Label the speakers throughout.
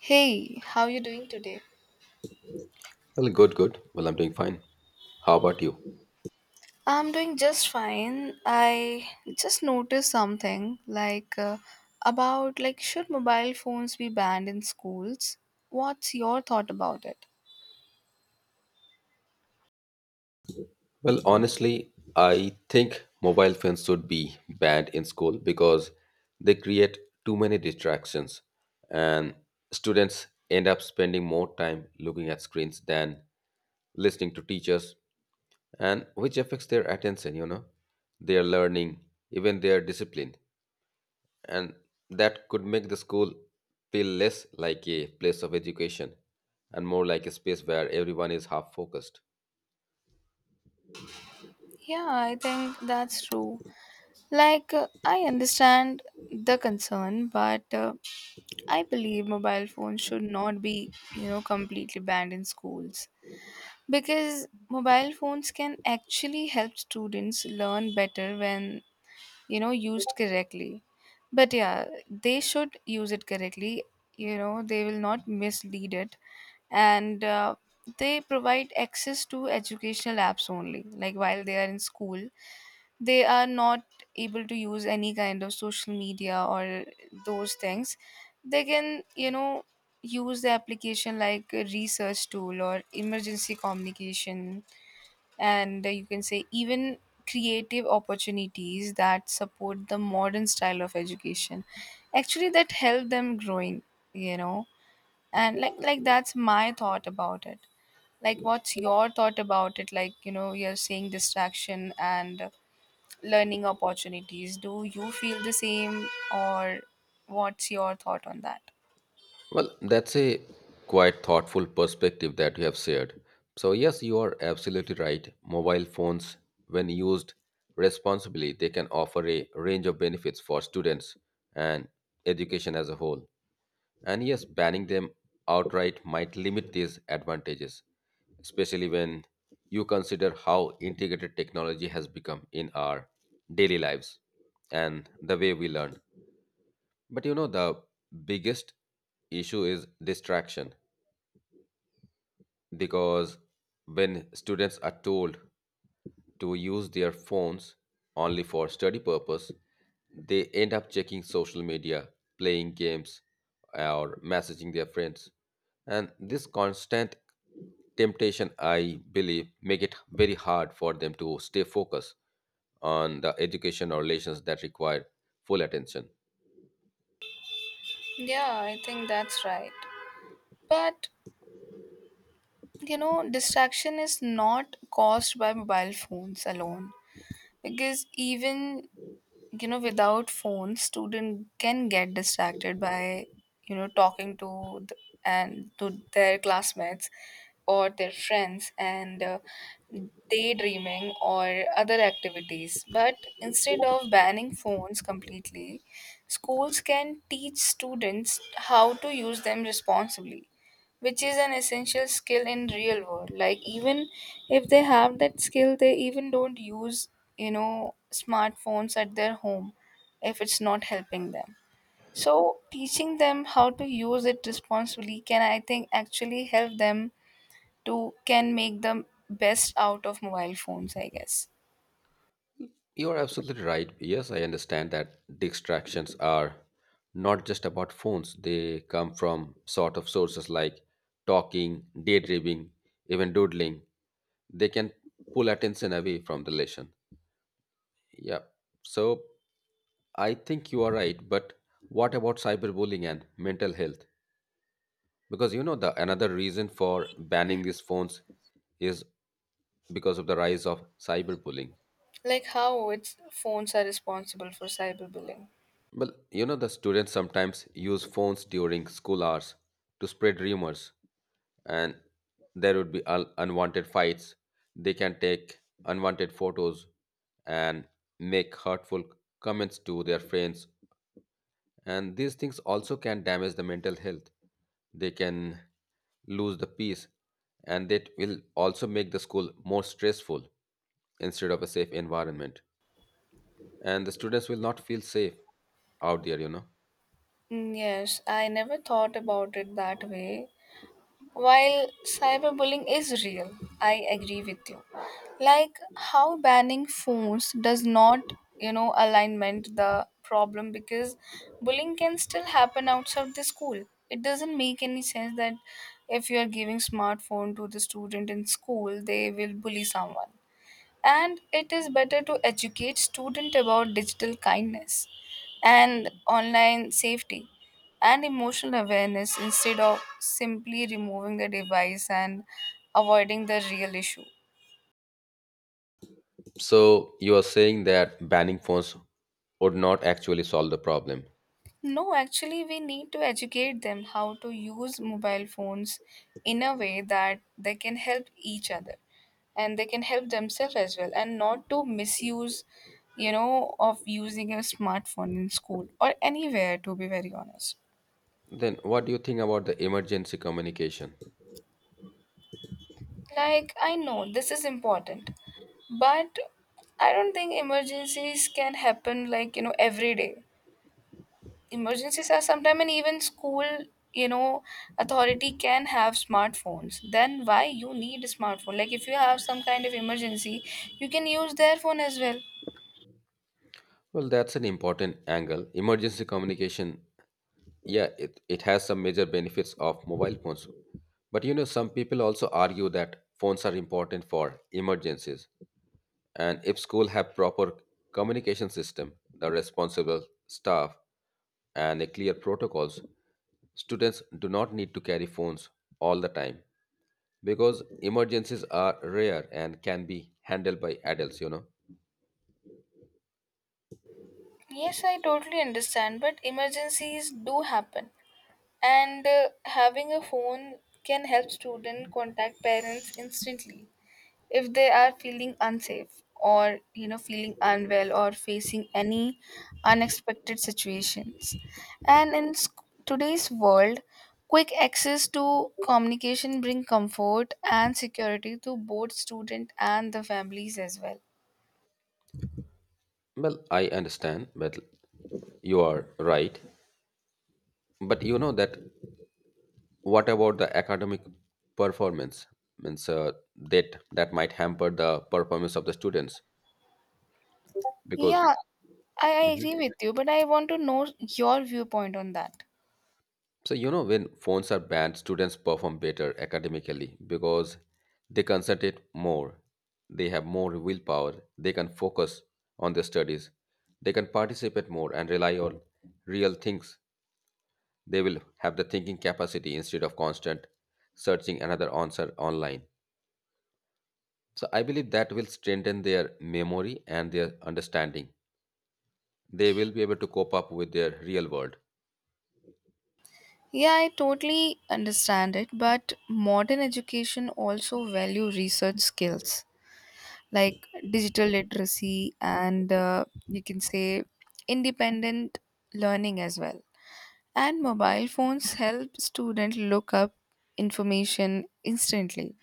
Speaker 1: Hey, how you doing today?
Speaker 2: Well, good, good. Well, I'm doing fine. How about you?
Speaker 1: I'm doing just fine. I just noticed something about like, should mobile phones be banned in schools? What's your thought about it?
Speaker 2: Well, honestly, I think mobile phones should be banned in school because they create too many distractions, and students end up spending more time looking at screens than listening to teachers, and which affects their attention, you know, their learning, even their discipline. And that could make the school feel less like a place of education and more like a space where everyone is half focused.
Speaker 1: Yeah, I think that's true. I understand the concern, but I believe mobile phones should not be, you know, completely banned in schools because mobile phones can actually help students learn better when, you know, used correctly. But yeah, they should use it correctly, you know, they will not mislead it. And they provide access to educational apps only, like while they are in school they are not able to use any kind of social media or those things. They can, you know, use the application like a research tool or emergency communication. And you can say even creative opportunities that support the modern style of education, actually that help them growing, you know. And like that's my thought about it. Like, what's your thought about it? Like, you know, you're saying distraction and learning opportunities, do you feel the same or what's your thought on that?
Speaker 2: Well, that's a quite thoughtful perspective that you have shared. So, yes, you are absolutely right. Mobile phones, when used responsibly, they can offer a range of benefits for students and education as a whole. And yes, banning them outright might limit these advantages, especially when you consider how integrated technology has become in our daily lives and the way we learn. But you know, the biggest issue is distraction because when students are told to use their phones only for study purpose, they end up checking social media, playing games, or messaging their friends. And this constant temptation, I believe, make it very hard for them to stay focused on the education or relations that require full attention.
Speaker 1: Yeah, I think that's right. But you know, distraction is not caused by mobile phones alone, because even, you know, without phones student can get distracted by, you know, talking to and to their classmates or their friends, and daydreaming or other activities. But instead of banning phones completely, schools can teach students how to use them responsibly, which is an essential skill in real world. Like, even if they have that skill they even don't use, you know, smartphones at their home if it's not helping them. So teaching them how to use it responsibly can, I think, actually help them to, can make the best out of mobile phones, I guess.
Speaker 2: You're absolutely right. Yes, I understand that distractions are not just about phones. They come from sort of sources like talking, daydreaming, even doodling. They can pull attention away from the lesson. Yeah. So I think you are right. But what about cyberbullying and mental health? Because you know the another reason for banning these phones is because of the rise of cyberbullying.
Speaker 1: Like, how it's phones are responsible for cyberbullying?
Speaker 2: Well, you know, the students sometimes use phones during school hours to spread rumors, and there would be un- unwanted fights. They can take unwanted photos and make hurtful comments to their friends, and these things also can damage the mental health. They can lose the peace, and that will also make the school more stressful instead of a safe environment. And the students will not feel safe out there, you know.
Speaker 1: Mm, yes, I never thought about it that way. While cyberbullying is real, I agree with you. Like, how banning phones does not, you know, alignment the problem, because bullying can still happen outside the school. It doesn't make any sense that if you are giving smartphone to the student in school, they will bully someone. And it is better to educate student about digital kindness and online safety and emotional awareness instead of simply removing the device and avoiding the real issue.
Speaker 2: So you are saying that banning phones would not actually solve the problem.
Speaker 1: No, actually we need to educate them how to use mobile phones in a way that they can help each other and they can help themselves as well, and not to misuse, you know, of using a smartphone in school or anywhere, to be very honest.
Speaker 2: Then what do you think about the emergency communication?
Speaker 1: Like, I know this is important, but I don't think emergencies can happen like, you know, every day. Emergencies are sometimes, and even school, you know, authority can have smartphones. Then why you need a smartphone? Like, if you have some kind of emergency, you can use their phone as well.
Speaker 2: Well, that's an important angle. Emergency communication, yeah, it has some major benefits of mobile phones. But you know, some people also argue that phones are important for emergencies. And if school have proper communication system, the responsible staff and a clear protocols, students do not need to carry phones all the time because emergencies are rare and can be handled by adults, you know.
Speaker 1: Yes, I totally understand, but emergencies do happen. And having a phone can help student contact parents instantly if they are feeling unsafe or, you know, feeling unwell or facing any unexpected situations. And today's world, quick access to communication bring comfort and security to both student and the families as well.
Speaker 2: Well, I understand, but you are right. But you know that, what about the academic performance? Means that might hamper the performance of the students because...
Speaker 1: Yeah. I
Speaker 2: Mhm.
Speaker 1: agree with you, but I want to know your viewpoint on that.
Speaker 2: So, you know, when phones are banned, students perform better academically because they concentrate more, they have more willpower, they can focus on their studies, they can participate more and rely on real things. They will have the thinking capacity instead of constant searching another answer online. So, I believe that will strengthen their memory and their understanding. They will be able to cope up with their real world.
Speaker 1: Yeah, I totally understand it, but modern education also value research skills, like digital literacy and, you can say, independent learning as well. And mobile phones help students look up information instantly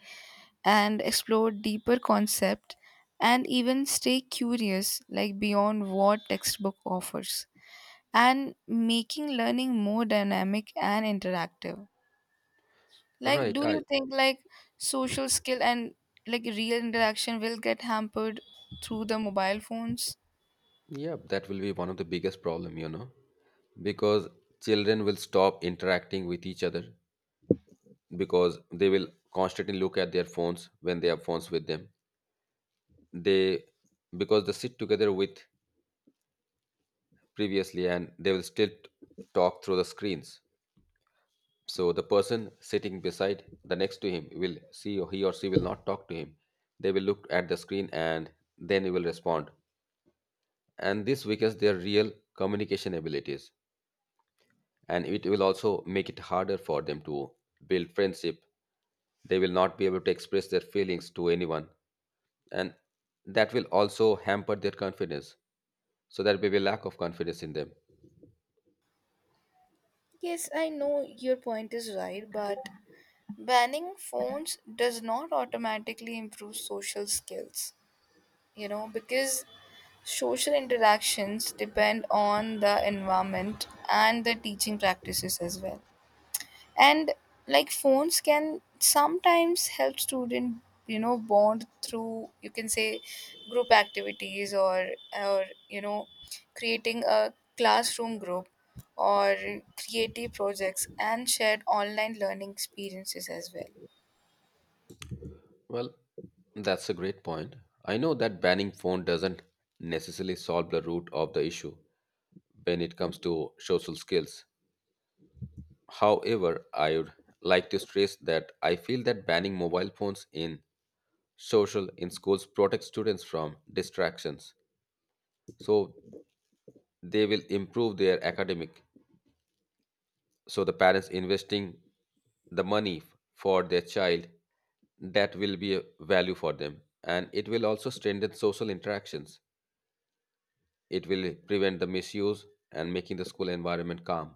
Speaker 1: and explore deeper concept and even stay curious, like beyond what textbook offers, and making learning more dynamic and interactive. Like,
Speaker 2: Right.
Speaker 1: do you
Speaker 2: I...
Speaker 1: think like social skill and like real interaction will get hampered through the mobile phones?
Speaker 2: Yeah, that will be one of the biggest problem, you know, because children will stop interacting with each other because they will constantly look at their phones when they have phones with them. They, because they sit together with previously and they will still talk through the screens. So the person sitting beside the next to him will see or he or she will not talk to him. They will look at the screen and then he will respond. And this weakens their real communication abilities and it will also make it harder for them to build friendship. They will not be able to express their feelings to anyone, and that will also hamper their confidence. So there will be lack of confidence in them.
Speaker 1: Yes, I know your point is right, but banning phones does not automatically improve social skills, you know, because social interactions depend on the environment and the teaching practices as well. And like, phones can sometimes help student, you know, bond through, you can say, group activities or you know, creating a classroom group, or creative projects and shared online learning experiences as well.
Speaker 2: Well, that's a great point. I know that banning phone doesn't necessarily solve the root of the issue when it comes to social skills. However, I would like to stress that I feel that banning mobile phones in social, in schools protects students from distractions, so they will improve their academic. So the parents investing the money for their child, that will be a value for them, and it will also strengthen social interactions. It will prevent the misuse and making the school environment calm.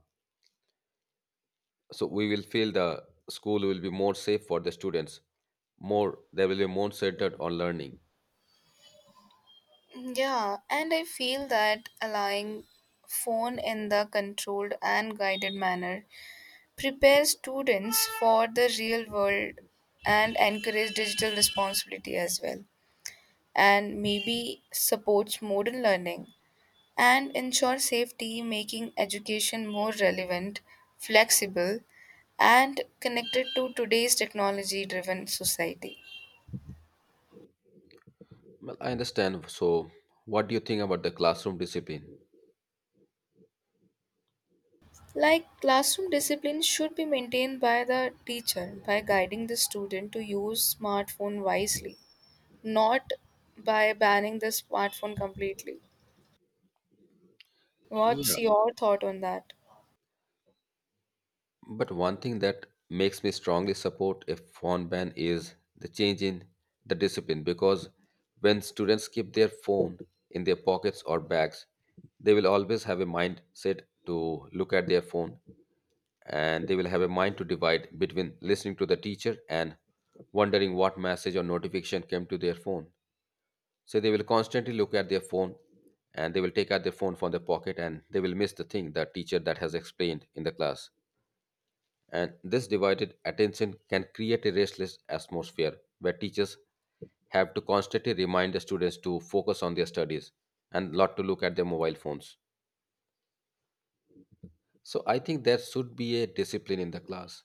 Speaker 2: So we will feel the school will be more safe for the students. More, they will be more centered on learning.
Speaker 1: Yeah, and I feel that allowing phone in the controlled and guided manner prepares students for the real world and encourage digital responsibility as well, and maybe supports modern learning and ensure safety, making education more relevant, flexible, and connected to today's technology driven society.
Speaker 2: Well, I understand, so what do you think about the classroom discipline?
Speaker 1: Like, classroom discipline should be maintained by the teacher by guiding the student to use smartphone wisely, not by banning the smartphone completely. What's
Speaker 2: Yeah.
Speaker 1: your thought on that?
Speaker 2: But one thing that makes me strongly support a phone ban is the change in the discipline, because when students keep their phone in their pockets or bags, they will always have a mindset to look at their phone, and they will have a mind to divide between listening to the teacher and wondering what message or notification came to their phone. So they will constantly look at their phone and they will take out their phone from their pocket and they will miss the thing the teacher that has explained in the class. And this divided attention can create a restless atmosphere where teachers have to constantly remind the students to focus on their studies and not to look at their mobile phones. So I think there should be a discipline in the class,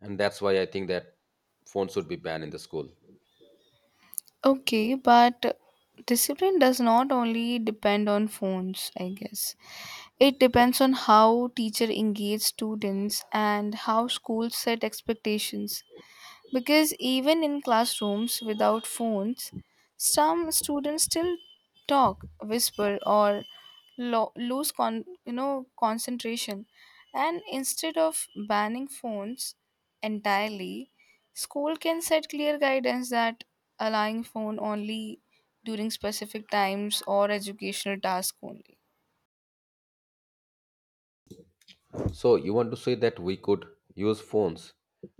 Speaker 2: and that's why I think that phones should be banned in the school.
Speaker 1: Okay, but discipline does not only depend on phones, I guess. It depends on how teacher engage students and how schools set expectations, because even in classrooms without phones, some students still talk, whisper, or lose you know, concentration. And instead of banning phones entirely, school can set clear guidance that allowing phone only during specific times or educational tasks only.
Speaker 2: So you want to say that we could use phones,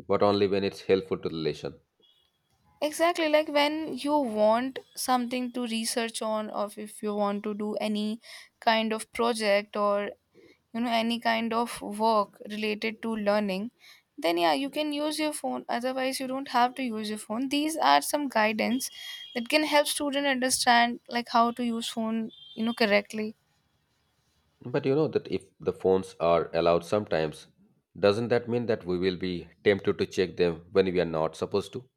Speaker 2: but only when it's helpful to the lesson?
Speaker 1: Exactly, like when you want something to research on, or if you want to do any kind of project or, you know, any kind of work related to learning, then yeah, you can use your phone. Otherwise, you don't have to use your phone. These are some guidance that can help student understand like how to use phone, you know, correctly.
Speaker 2: But you know that if the phones are allowed sometimes, doesn't that mean that we will be tempted to check them when we are not supposed to?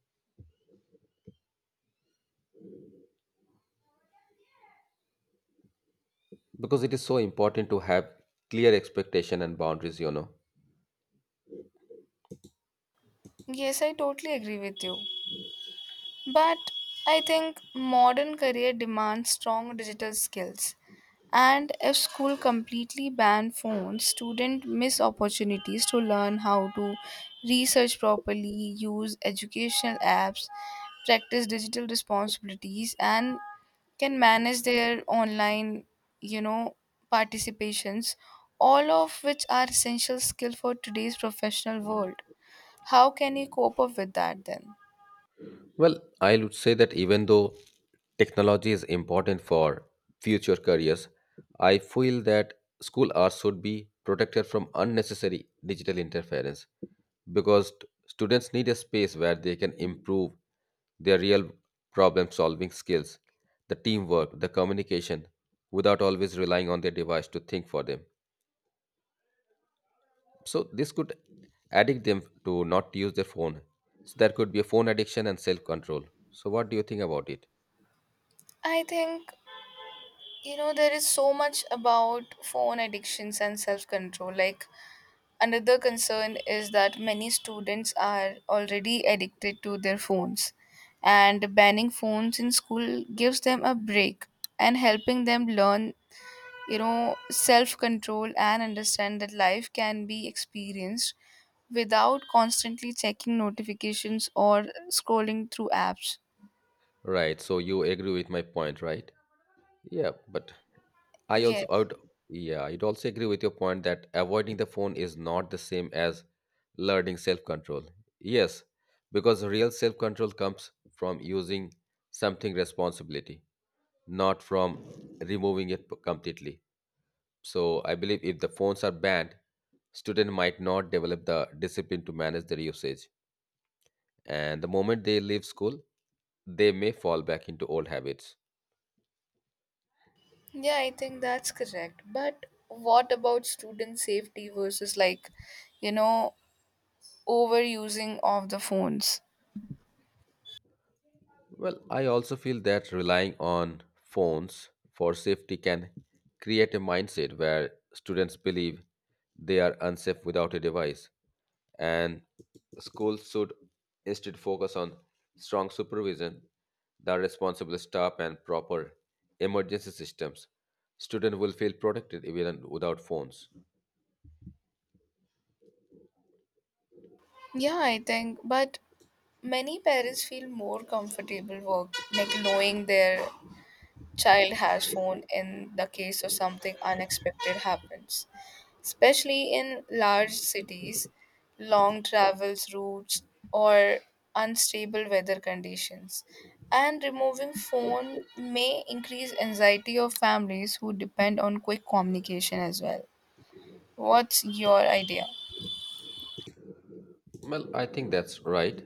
Speaker 2: Because it is so important to have clear expectation and boundaries, you know.
Speaker 1: Yes, I totally agree with you. But I think modern career demands strong digital skills. And if school completely ban phones, students miss opportunities to learn how to research properly, use educational apps, practice digital responsibilities and can manage their online, you know, participations, all of which are essential skill for today's professional world. How can you cope up with that then?
Speaker 2: Well, I would say that even though technology is important for future careers, I feel that school hours should be protected from unnecessary digital interference, because students need a space where they can improve their real problem solving skills, the teamwork, the communication, without always relying on their device to think for them. So this could addict them to not use their phone. So there could be a phone addiction and self control. So what do you think about it?
Speaker 1: I think, you know, there is so much about phone addictions and self control. Like, another concern is that many students are already addicted to their phones, and banning phones in school gives them a break and helping them learn, you know, self control, and understand that life can be experienced without constantly checking notifications or scrolling through apps.
Speaker 2: Right. So you agree with my point, right? Yeah, but I
Speaker 1: Yes.
Speaker 2: would... Yeah, I'd also agree with your point that avoiding the phone is not the same as learning self control. Yes, because real self control comes from using something responsibility, not from removing it completely. So I believe if the phones are banned, students might not develop the discipline to manage their usage. And the moment they leave school, they may fall back into old habits.
Speaker 1: Yeah, I think that's correct. But what about student safety versus, like, you know, overusing of the phones?
Speaker 2: Well, I also feel that relying on phones for safety can create a mindset where students believe they are unsafe without a device, and schools should instead focus on strong supervision, the responsible staff, and proper emergency systems. Students will feel protected even without phones.
Speaker 1: Yeah, I think, but many parents feel more comfortable work, like, knowing their child has phone in the case of something unexpected happens, especially in large cities, long travels routes, or unstable weather conditions. And removing phone may increase anxiety of families who depend on quick communication as well. What's your idea?
Speaker 2: Well, I think that's right.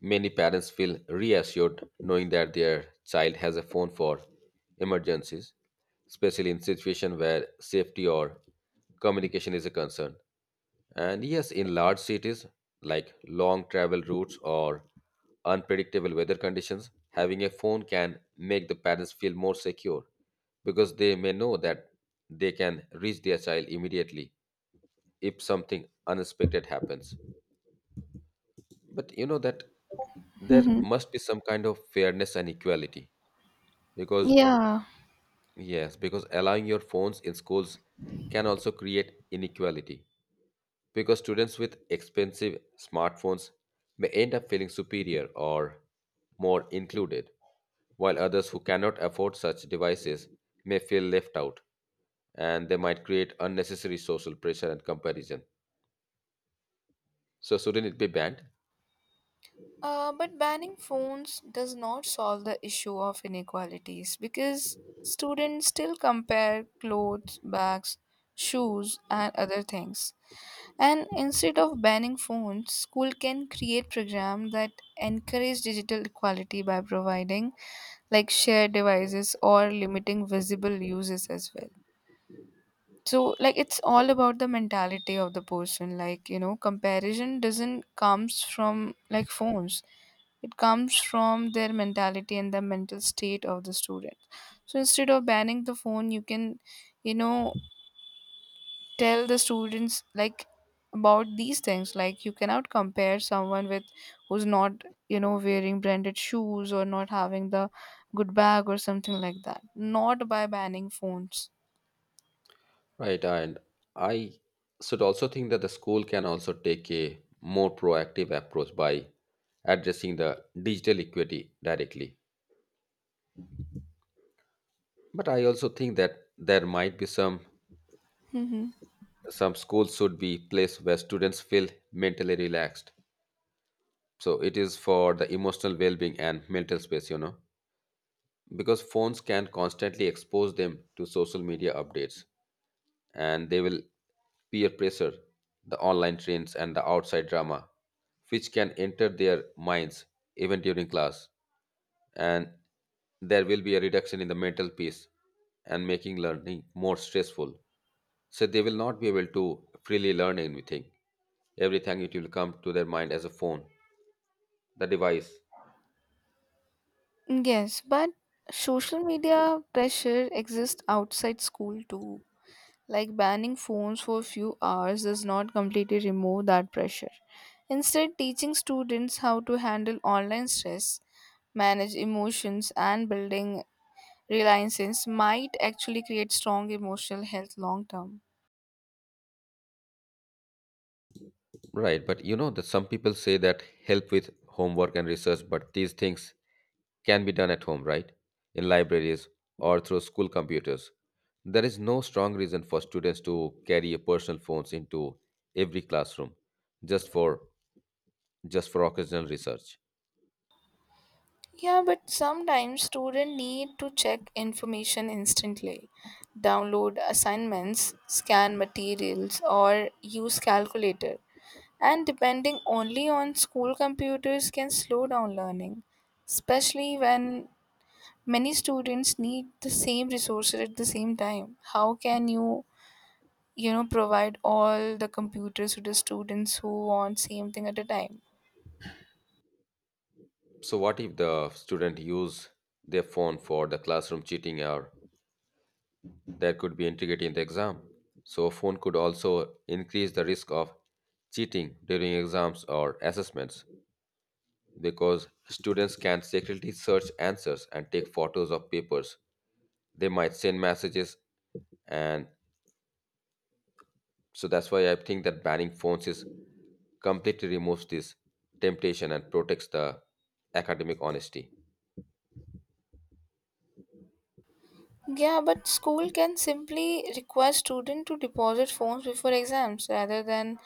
Speaker 2: Many parents feel reassured knowing that their child has a phone for emergencies, especially in situations where safety or communication is a concern. And yes, in large cities like long travel routes or unpredictable weather conditions, having a phone can make the parents feel more secure because they may know that they can reach their child immediately if something unexpected happens. But you know that there
Speaker 1: Hmm.
Speaker 2: must be some kind of fairness and equality, because,
Speaker 1: Yeah.
Speaker 2: yes, because allowing your phones in schools can also create inequality because students with expensive smartphones may end up feeling superior or more included, while others who cannot afford such devices may feel left out, and they might create unnecessary social pressure and comparison. So, shouldn't it be banned?
Speaker 1: But banning phones does not solve the issue of inequalities because students still compare clothes, bags, shoes, and other things. And instead of banning phones, school can create programs that encourage digital equality by providing like shared devices or limiting visible uses as well. So like, it's all about the mentality of the person. Like, you know, comparison doesn't comes from like phones. It comes from their mentality and the mental state of the student. So instead of banning the phone, you can, you know, tell the students like about these things, like you cannot compare someone with who's not, you know, wearing branded shoes or not having the good bag or something like that, not by banning phones.
Speaker 2: Right, and I should also think that the school can also take a more proactive approach by addressing the digital equity directly. But I also think that there might be some
Speaker 1: Mm-hmm.
Speaker 2: some schools should be place where students feel mentally relaxed. So it is for the emotional well-being and mental space, you know, because phones can constantly expose them to social media updates, and they will peer pressure, the online trends, and the outside drama, which can enter their minds even during class. And there will be a reduction in the mental peace and making learning more stressful. So they will not be able to freely learn anything. Everything it will come to their mind as a phone, the device.
Speaker 1: Yes, but social media pressure exists outside school too. Like, banning phones for a few hours does not completely remove that pressure. Instead, teaching students how to handle online stress, manage emotions, and building reliances might actually create strong emotional health long term.
Speaker 2: Right, but you know that some people say that help with homework and research, but these things can be done at home, right? In libraries or through school computers. There is no strong reason for students to carry personal phones into every classroom just for, just for occasional research.
Speaker 1: Yeah, but sometimes students need to check information instantly, download assignments, scan materials, or use calculator. And depending only on school computers can slow down learning, especially when many students need the same resources at the same time. How can you, you know, provide all the computers to the students who want same thing at a time?
Speaker 2: So what if the student use their phone for the classroom cheating or that could be integrated in the exam? So phone could also increase the risk of cheating during exams or assessments, because students can secretly search answers and take photos of papers. They might send messages, and so that's why I think that banning phones is completely removes this temptation and protects the academic honesty.
Speaker 1: Yeah, but school can simply require student to deposit phones before exams rather than,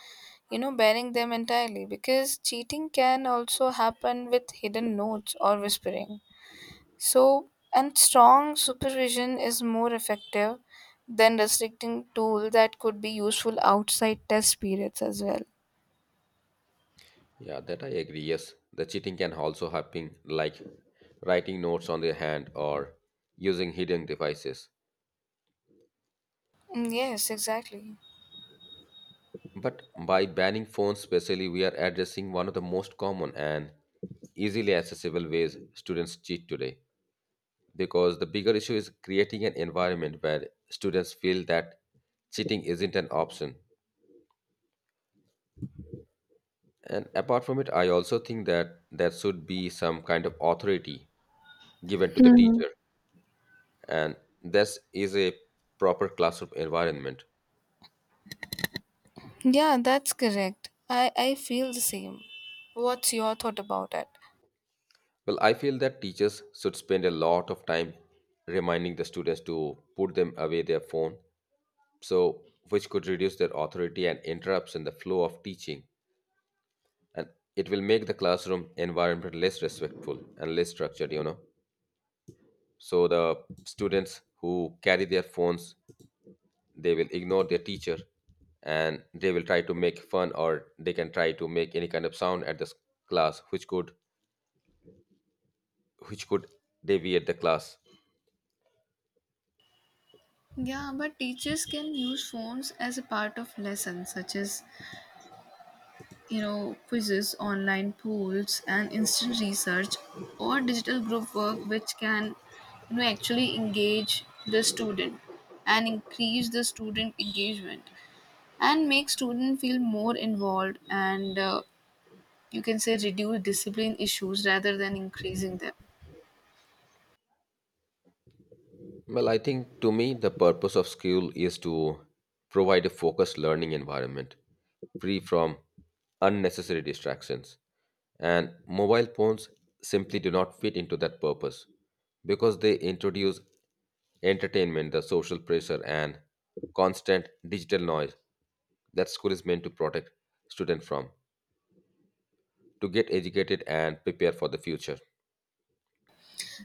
Speaker 1: you know, banning them entirely, because cheating can also happen with hidden notes or whispering. So, and strong supervision is more effective than restricting tool that could be useful outside test periods as well.
Speaker 2: Yeah, that I agree. Yes, the cheating can also happen, like writing notes on their hand or using hidden devices.
Speaker 1: Mm, yes, exactly.
Speaker 2: But by banning phones, specially, we are addressing one of the most common and easily accessible ways students cheat today, because the bigger issue is creating an environment where students feel that cheating isn't an option. And apart from it, I also think that there should be some kind of authority given to the
Speaker 1: Mhm.
Speaker 2: teacher, and this is a proper classroom environment.
Speaker 1: Yeah, that's correct. I feel the same. What's your thought about it?
Speaker 2: Well, I feel that teachers should spend a lot of time reminding the students to put them away their phone, so which could reduce their authority and interrupts in the flow of teaching. And it will make the classroom environment less respectful and less structured, so the students who carry their phones, they will ignore their teacher, and they will try to make fun, or they can try to make any kind of sound at this class, which could deviate the class.
Speaker 1: Yeah, but teachers can use phones as a part of lessons, such as, you know, quizzes, online polls, and instant research or digital group work, which can, you know, actually engage the student and increase the student engagement and make student feel more involved and, you can say, reduce discipline issues rather than increasing them.
Speaker 2: Well, I think to me, the purpose of school is to provide a focused learning environment free from unnecessary distractions. And mobile phones simply do not fit into that purpose, because they introduce entertainment, the social pressure, and constant digital noise that school is meant to protect students from to get educated and prepare for the future.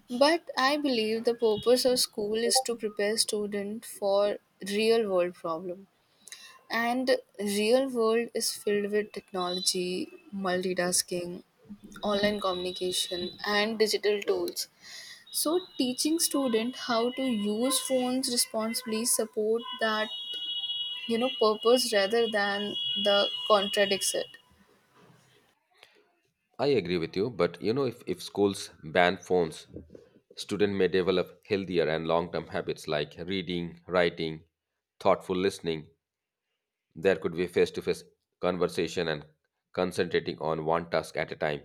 Speaker 1: But I believe the purpose of school is to prepare student for real world problem. And real world is filled with technology, multitasking, online communication and digital tools. So teaching student how to use phones responsibly support that, you know, purpose rather than the contradicts it.
Speaker 2: I agree with you, but you know, if schools ban phones, students may develop healthier and long term habits like reading, writing, thoughtful listening. There could be face to face conversation and concentrating on one task at a time.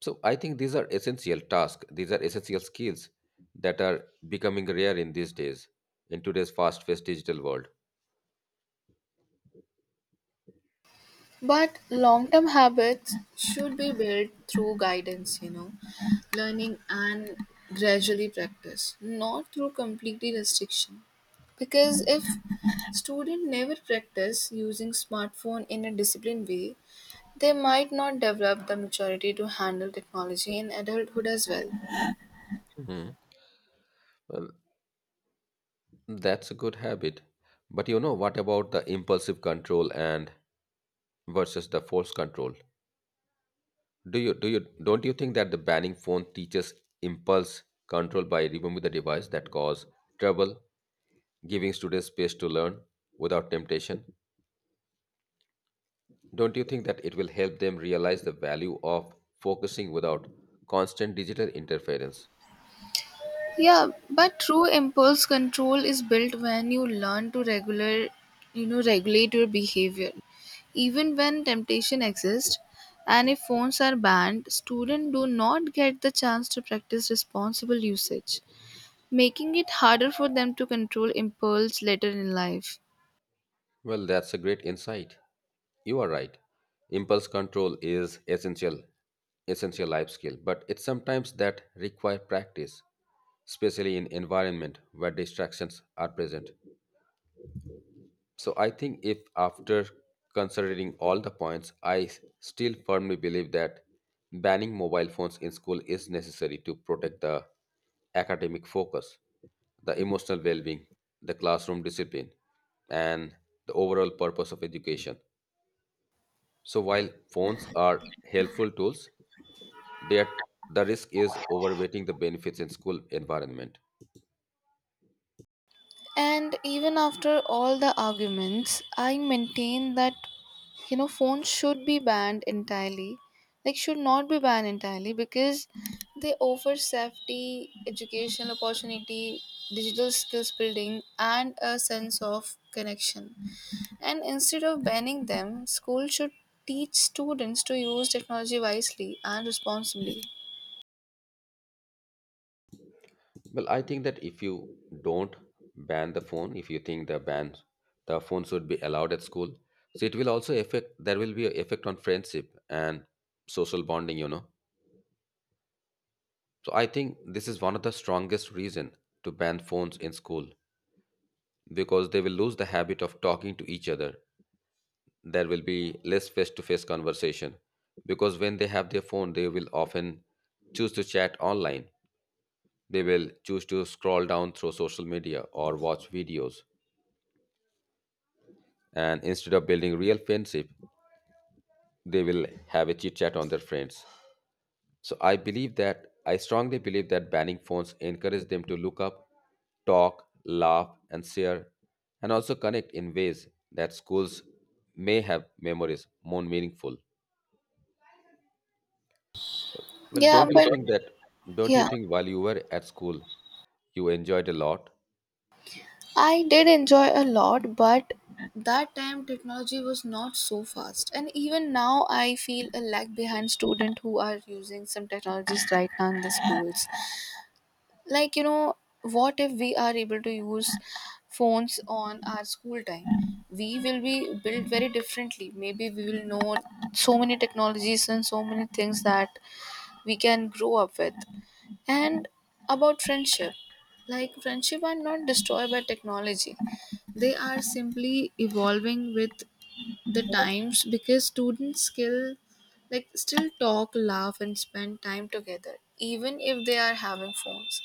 Speaker 2: So I think these are essential tasks, these are essential skills that are becoming rare in these days, in today's fast paced digital world.
Speaker 1: But long term habits should be built through guidance, you know, learning and gradually practice, not through completely restriction. Because if student never practice using smartphone in a disciplined way, they might not develop the maturity to handle technology in adulthood as well.
Speaker 2: Hmm. Well, that's a good habit. But you know, what about the impulsive control and versus the force control? Do you don't you think that the banning phone teaches impulse control by removing the device that cause trouble, giving students space to learn without temptation? Don't you think that it will help them realize the value of focusing without constant digital interference?
Speaker 1: Yeah, but true impulse control is built when you learn to regular, regulate your behavior even when temptation exists. And if phones are banned, students do not get the chance to practice responsible usage, making it harder for them to control impulse later in life.
Speaker 2: Well, that's a great insight. You are right. Impulse control is essential essential life skill, but it's sometimes that require practice, especially in environment where distractions are present. So I think if after considering all the points, still firmly believe that banning mobile phones in school is necessary to protect the academic focus, the emotional well-being, the classroom discipline, and the overall purpose of education. So while phones are helpful tools, that the risk is overweighting the benefits in school environment.
Speaker 1: And even after all the arguments, I maintain that phones should be banned entirely. Like, should not be banned entirely because they offer safety, educational opportunity, digital skills building, and a sense of connection. And instead of banning them, school should teach students to use technology wisely and responsibly.
Speaker 2: Well, I think that if you don't ban the phone, if you think the ban the phone should be allowed at school, so it will also affect there will be an effect on friendship and social bonding, you know. So I think this is one of the strongest reason to ban phones in school, because they will lose the habit of talking to each other. There will be less face-to-face conversation, because when they have their phone, they will often choose to chat online. They will choose to scroll down through social media or watch videos, and instead of building real friendship, they will have a chit chat on their friends. So I strongly believe that banning phones encourage them to look up, talk, laugh and share, and also connect in ways that schools may have memories more meaningful. well
Speaker 1: Yeah,
Speaker 2: don't you
Speaker 1: but
Speaker 2: think that don't you
Speaker 1: yeah.
Speaker 2: think while you were at school you enjoyed a lot?
Speaker 1: I did enjoy a lot, but that time technology was not so fast. And even now, I feel a lag behind students who are using some technologies right now in the schools. Like, you know, what if we are able to use phones on our school time? We will be built very differently. Maybe we will know so many technologies and so many things that we can grow up with. And about friendship, like, friendship are not destroyed by technology. They are simply evolving with the times, because students skill like still talk, laugh and spend time together even if they are having phones.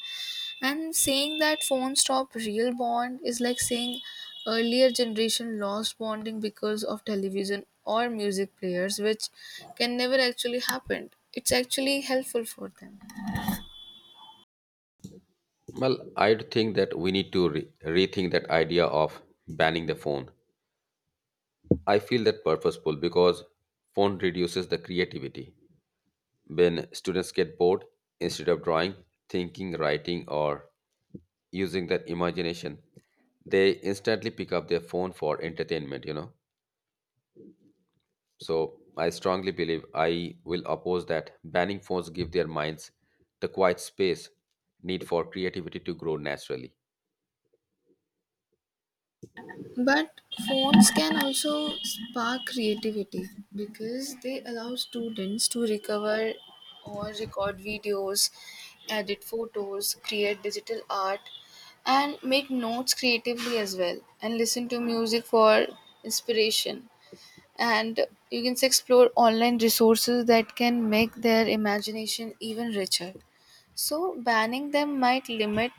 Speaker 1: And saying that phones stop real bond is like saying earlier generation lost bonding because of television or music players, which can never actually happen. It's actually helpful for them.
Speaker 2: Well, I think that we need to rethink that idea of banning the phone. I feel that purposeful because phone reduces the creativity. When students get bored, instead of drawing, thinking, writing, or using their imagination, they instantly pick up their phone for entertainment, you know. So I strongly believe I will oppose that banning phones give their minds the quiet space need for creativity to grow naturally.
Speaker 1: But phones can also spark creativity because they allow students to recover or record videos, edit photos, create digital art, and make notes creatively as well, and listen to music for inspiration. And you can say explore online resources that can make their imagination even richer. So, banning them might limit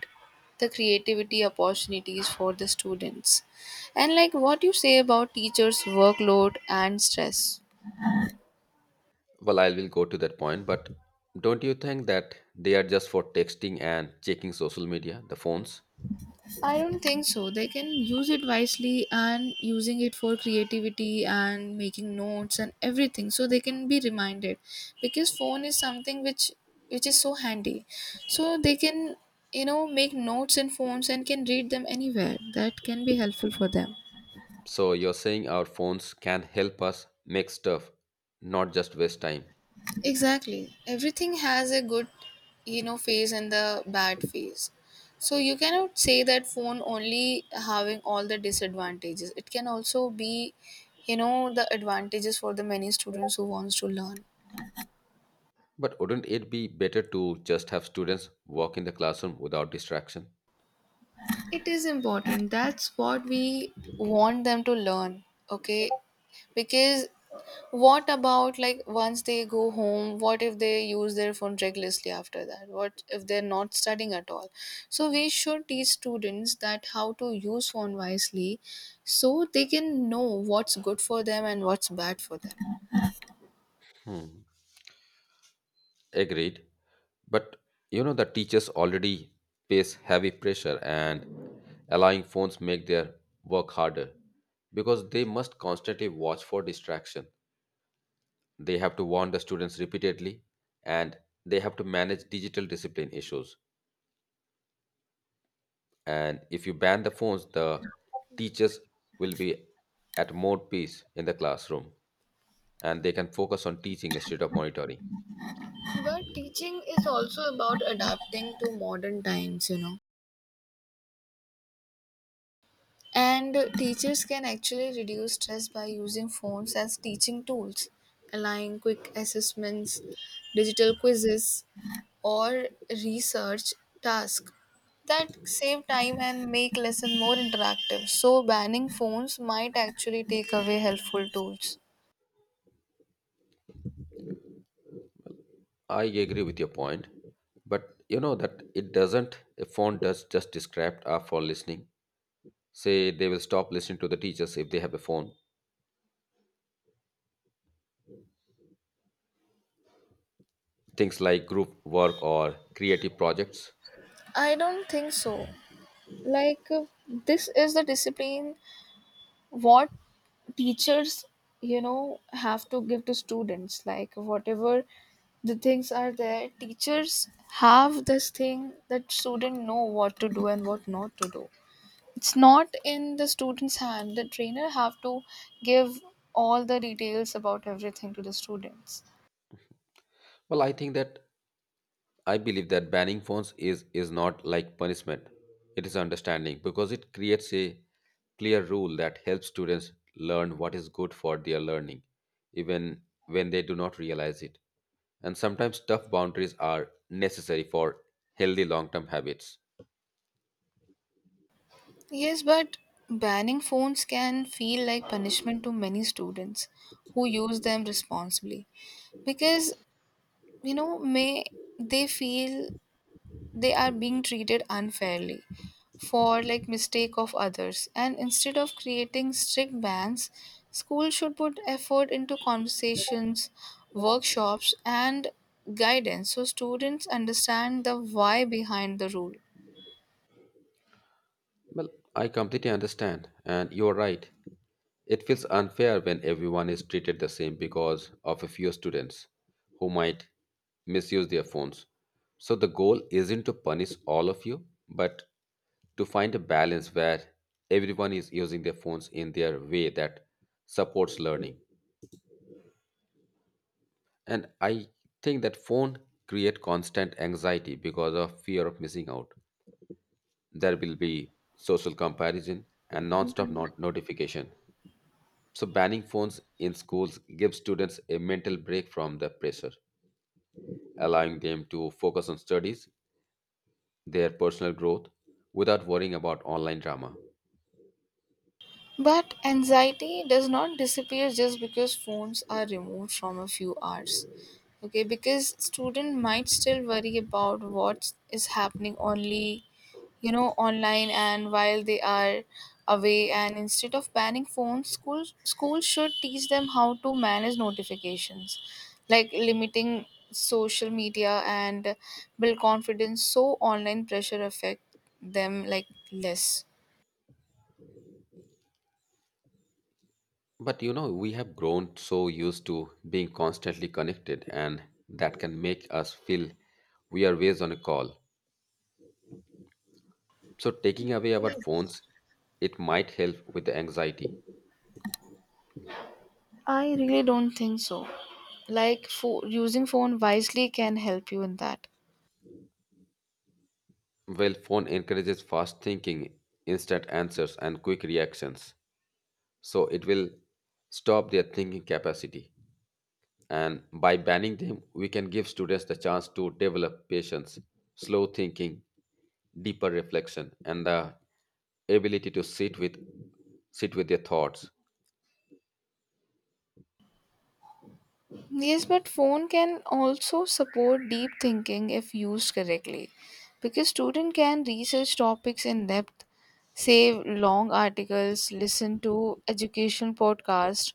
Speaker 1: the creativity opportunities for the students. And, like, what do you say about teachers' workload and stress?
Speaker 2: Well, I will go to that point, but don't you think that they are just for texting and checking social media, the phones?
Speaker 1: I don't think so. They can use it wisely and using it for creativity and making notes and everything so they can be reminded, because phone is something which is so handy, so they can, you know, make notes in phones and can read them anywhere that can be helpful for them.
Speaker 2: So you're saying our phones can help us make stuff, not just waste time.
Speaker 1: Exactly. Everything has a good, you know, phase and the bad phase. So you cannot say that phone only having all the disadvantages. It can also be, you know, the advantages for the many students who wants to learn.
Speaker 2: But wouldn't it be better to just have students walk in the classroom without distraction?
Speaker 1: It is important. That's what we want them to learn. Okay. Because what about, like, once they go home, what if they use their phone recklessly after that? What if they're not studying at all? So we should teach students that how to use phone wisely so they can know what's good for them and what's bad for them.
Speaker 2: Agreed. But you know the teachers already face heavy pressure, and allowing phones make their work harder, because they must constantly watch for distraction. They have to warn the students repeatedly, and they have to manage digital discipline issues. And if you ban the phones, the teachers will be at more peace in the classroom, and they can focus on teaching instead of monitoring.
Speaker 1: But teaching is also about adapting to modern times, you know. And teachers can actually reduce stress by using phones as teaching tools, allowing quick assessments, digital quizzes, or research task that save time and make lesson more interactive. So banning phones might actually take away helpful tools.
Speaker 2: I agree with your point, but you know that it doesn't, a phone does just distract our for listening. Say they will stop listening to the teachers if they have a phone. Things like group work or creative projects.
Speaker 1: I don't think so. Like, this is the discipline what teachers, you know, have to give to students. Like, whatever the things are there, teachers have this thing that student know what to do and what not to do. It's not in the student's hand. The trainer have to give all the details about everything to the students.
Speaker 2: Well, I think that I believe that banning phones is not like punishment. It is understanding because it creates a clear rule that helps students learn what is good for their learning, even when they do not realize it. And sometimes tough boundaries are necessary for healthy long term habits.
Speaker 1: Yes, but banning phones can feel like punishment to many students who use them responsibly, because, you know, may they feel they are being treated unfairly for like mistake of others. And instead of creating strict bans, school should put effort into conversations, workshops and guidance so students understand the why behind the rule.
Speaker 2: Well, I completely understand, and you're right. It feels unfair when everyone is treated the same because of a few students who might misuse their phones. So the goal isn't to punish all of you, but to find a balance where everyone is using their phones in their way that supports learning. And I think that phone create constant anxiety because of fear of missing out. There will be social comparison and non-stop not- notification. So, banning phones in schools gives students a mental break from the pressure, allowing them to focus on studies, their personal growth, without worrying about online drama.
Speaker 1: But anxiety does not disappear just because phones are removed from a few hours. Okay, because student might still worry about what is happening only, you know, online and while they are away. And instead of banning phones, schools should teach them how to manage notifications, like limiting social media and build confidence so online pressure affect them like less.
Speaker 2: But you know, we have grown so used to being constantly connected, and that can make us feel we are always on a call. So, taking away our
Speaker 1: Yes.
Speaker 2: phones, it might help with the anxiety.
Speaker 1: I really don't think so. Like, using phone wisely can help you in that.
Speaker 2: Well, phone encourages fast thinking, instant answers, and quick reactions, so it will stop their thinking capacity, and by banning them we can give students the chance to develop patience, slow thinking, deeper reflection and the ability to sit with their thoughts.
Speaker 1: Yes, but phone can also support deep thinking if used correctly, because student can research topics in depth, save long articles, listen to education podcast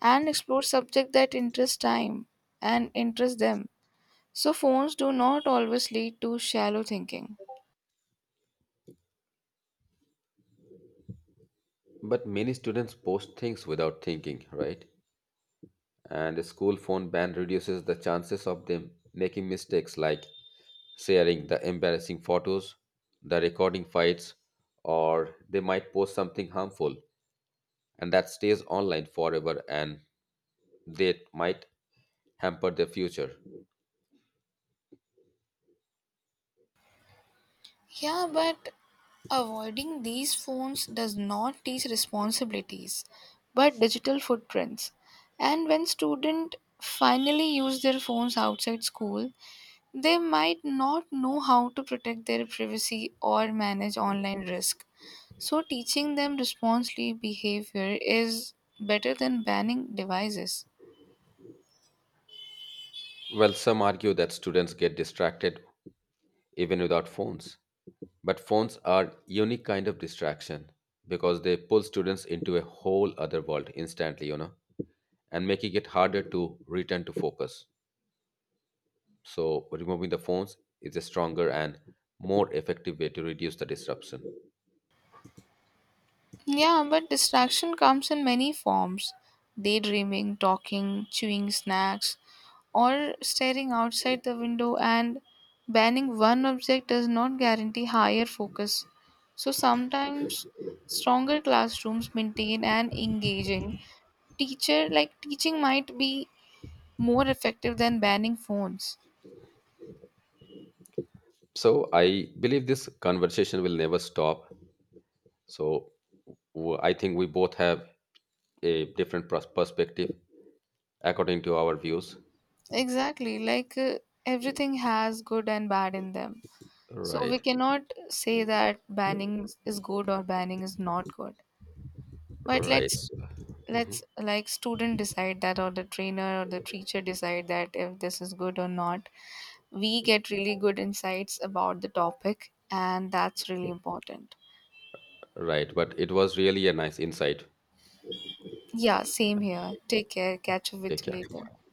Speaker 1: and explore subject that interest time and interest them. So phones do not always lead to shallow thinking.
Speaker 2: But many students post things without thinking, right, and a school phone ban reduces the chances of them making mistakes like sharing the embarrassing photos, the recording fights, or they might post something harmful, and that stays online forever, and they might hamper their future.
Speaker 1: Yeah, but avoiding these phones does not teach responsibilities, but digital footprints. And when students finally use their phones outside school, they might not know how to protect their privacy or manage online risk. So teaching them responsible behavior is better than banning devices.
Speaker 2: Well, some argue that students get distracted even without phones. But phones are unique kind of distraction because they pull students into a whole other world instantly, you know, and making it harder to return to focus. So removing the phones is a stronger and more effective way to reduce the disruption.
Speaker 1: Yeah, but distraction comes in many forms. Daydreaming, talking, chewing snacks, or staring outside the window. And banning one object does not guarantee higher focus. So sometimes stronger classrooms maintain an engaging teacher, like teaching might be more effective than banning phones.
Speaker 2: So I believe this conversation will never stop, so I think we both have a different perspective according to our views.
Speaker 1: Exactly, like, everything has good and bad in them. So we
Speaker 2: Right.
Speaker 1: cannot say that banning is good or banning is not good. But
Speaker 2: Right.
Speaker 1: let's
Speaker 2: Mhm.
Speaker 1: like student decide that, or the trainer or the teacher decide that if this is good or not. We get really good insights about the topic and that's really important.
Speaker 2: Right. But it was really a nice insight.
Speaker 1: Yeah, same here. Take care, catch up
Speaker 2: Take
Speaker 1: with you
Speaker 2: care,
Speaker 1: later.
Speaker 2: bye.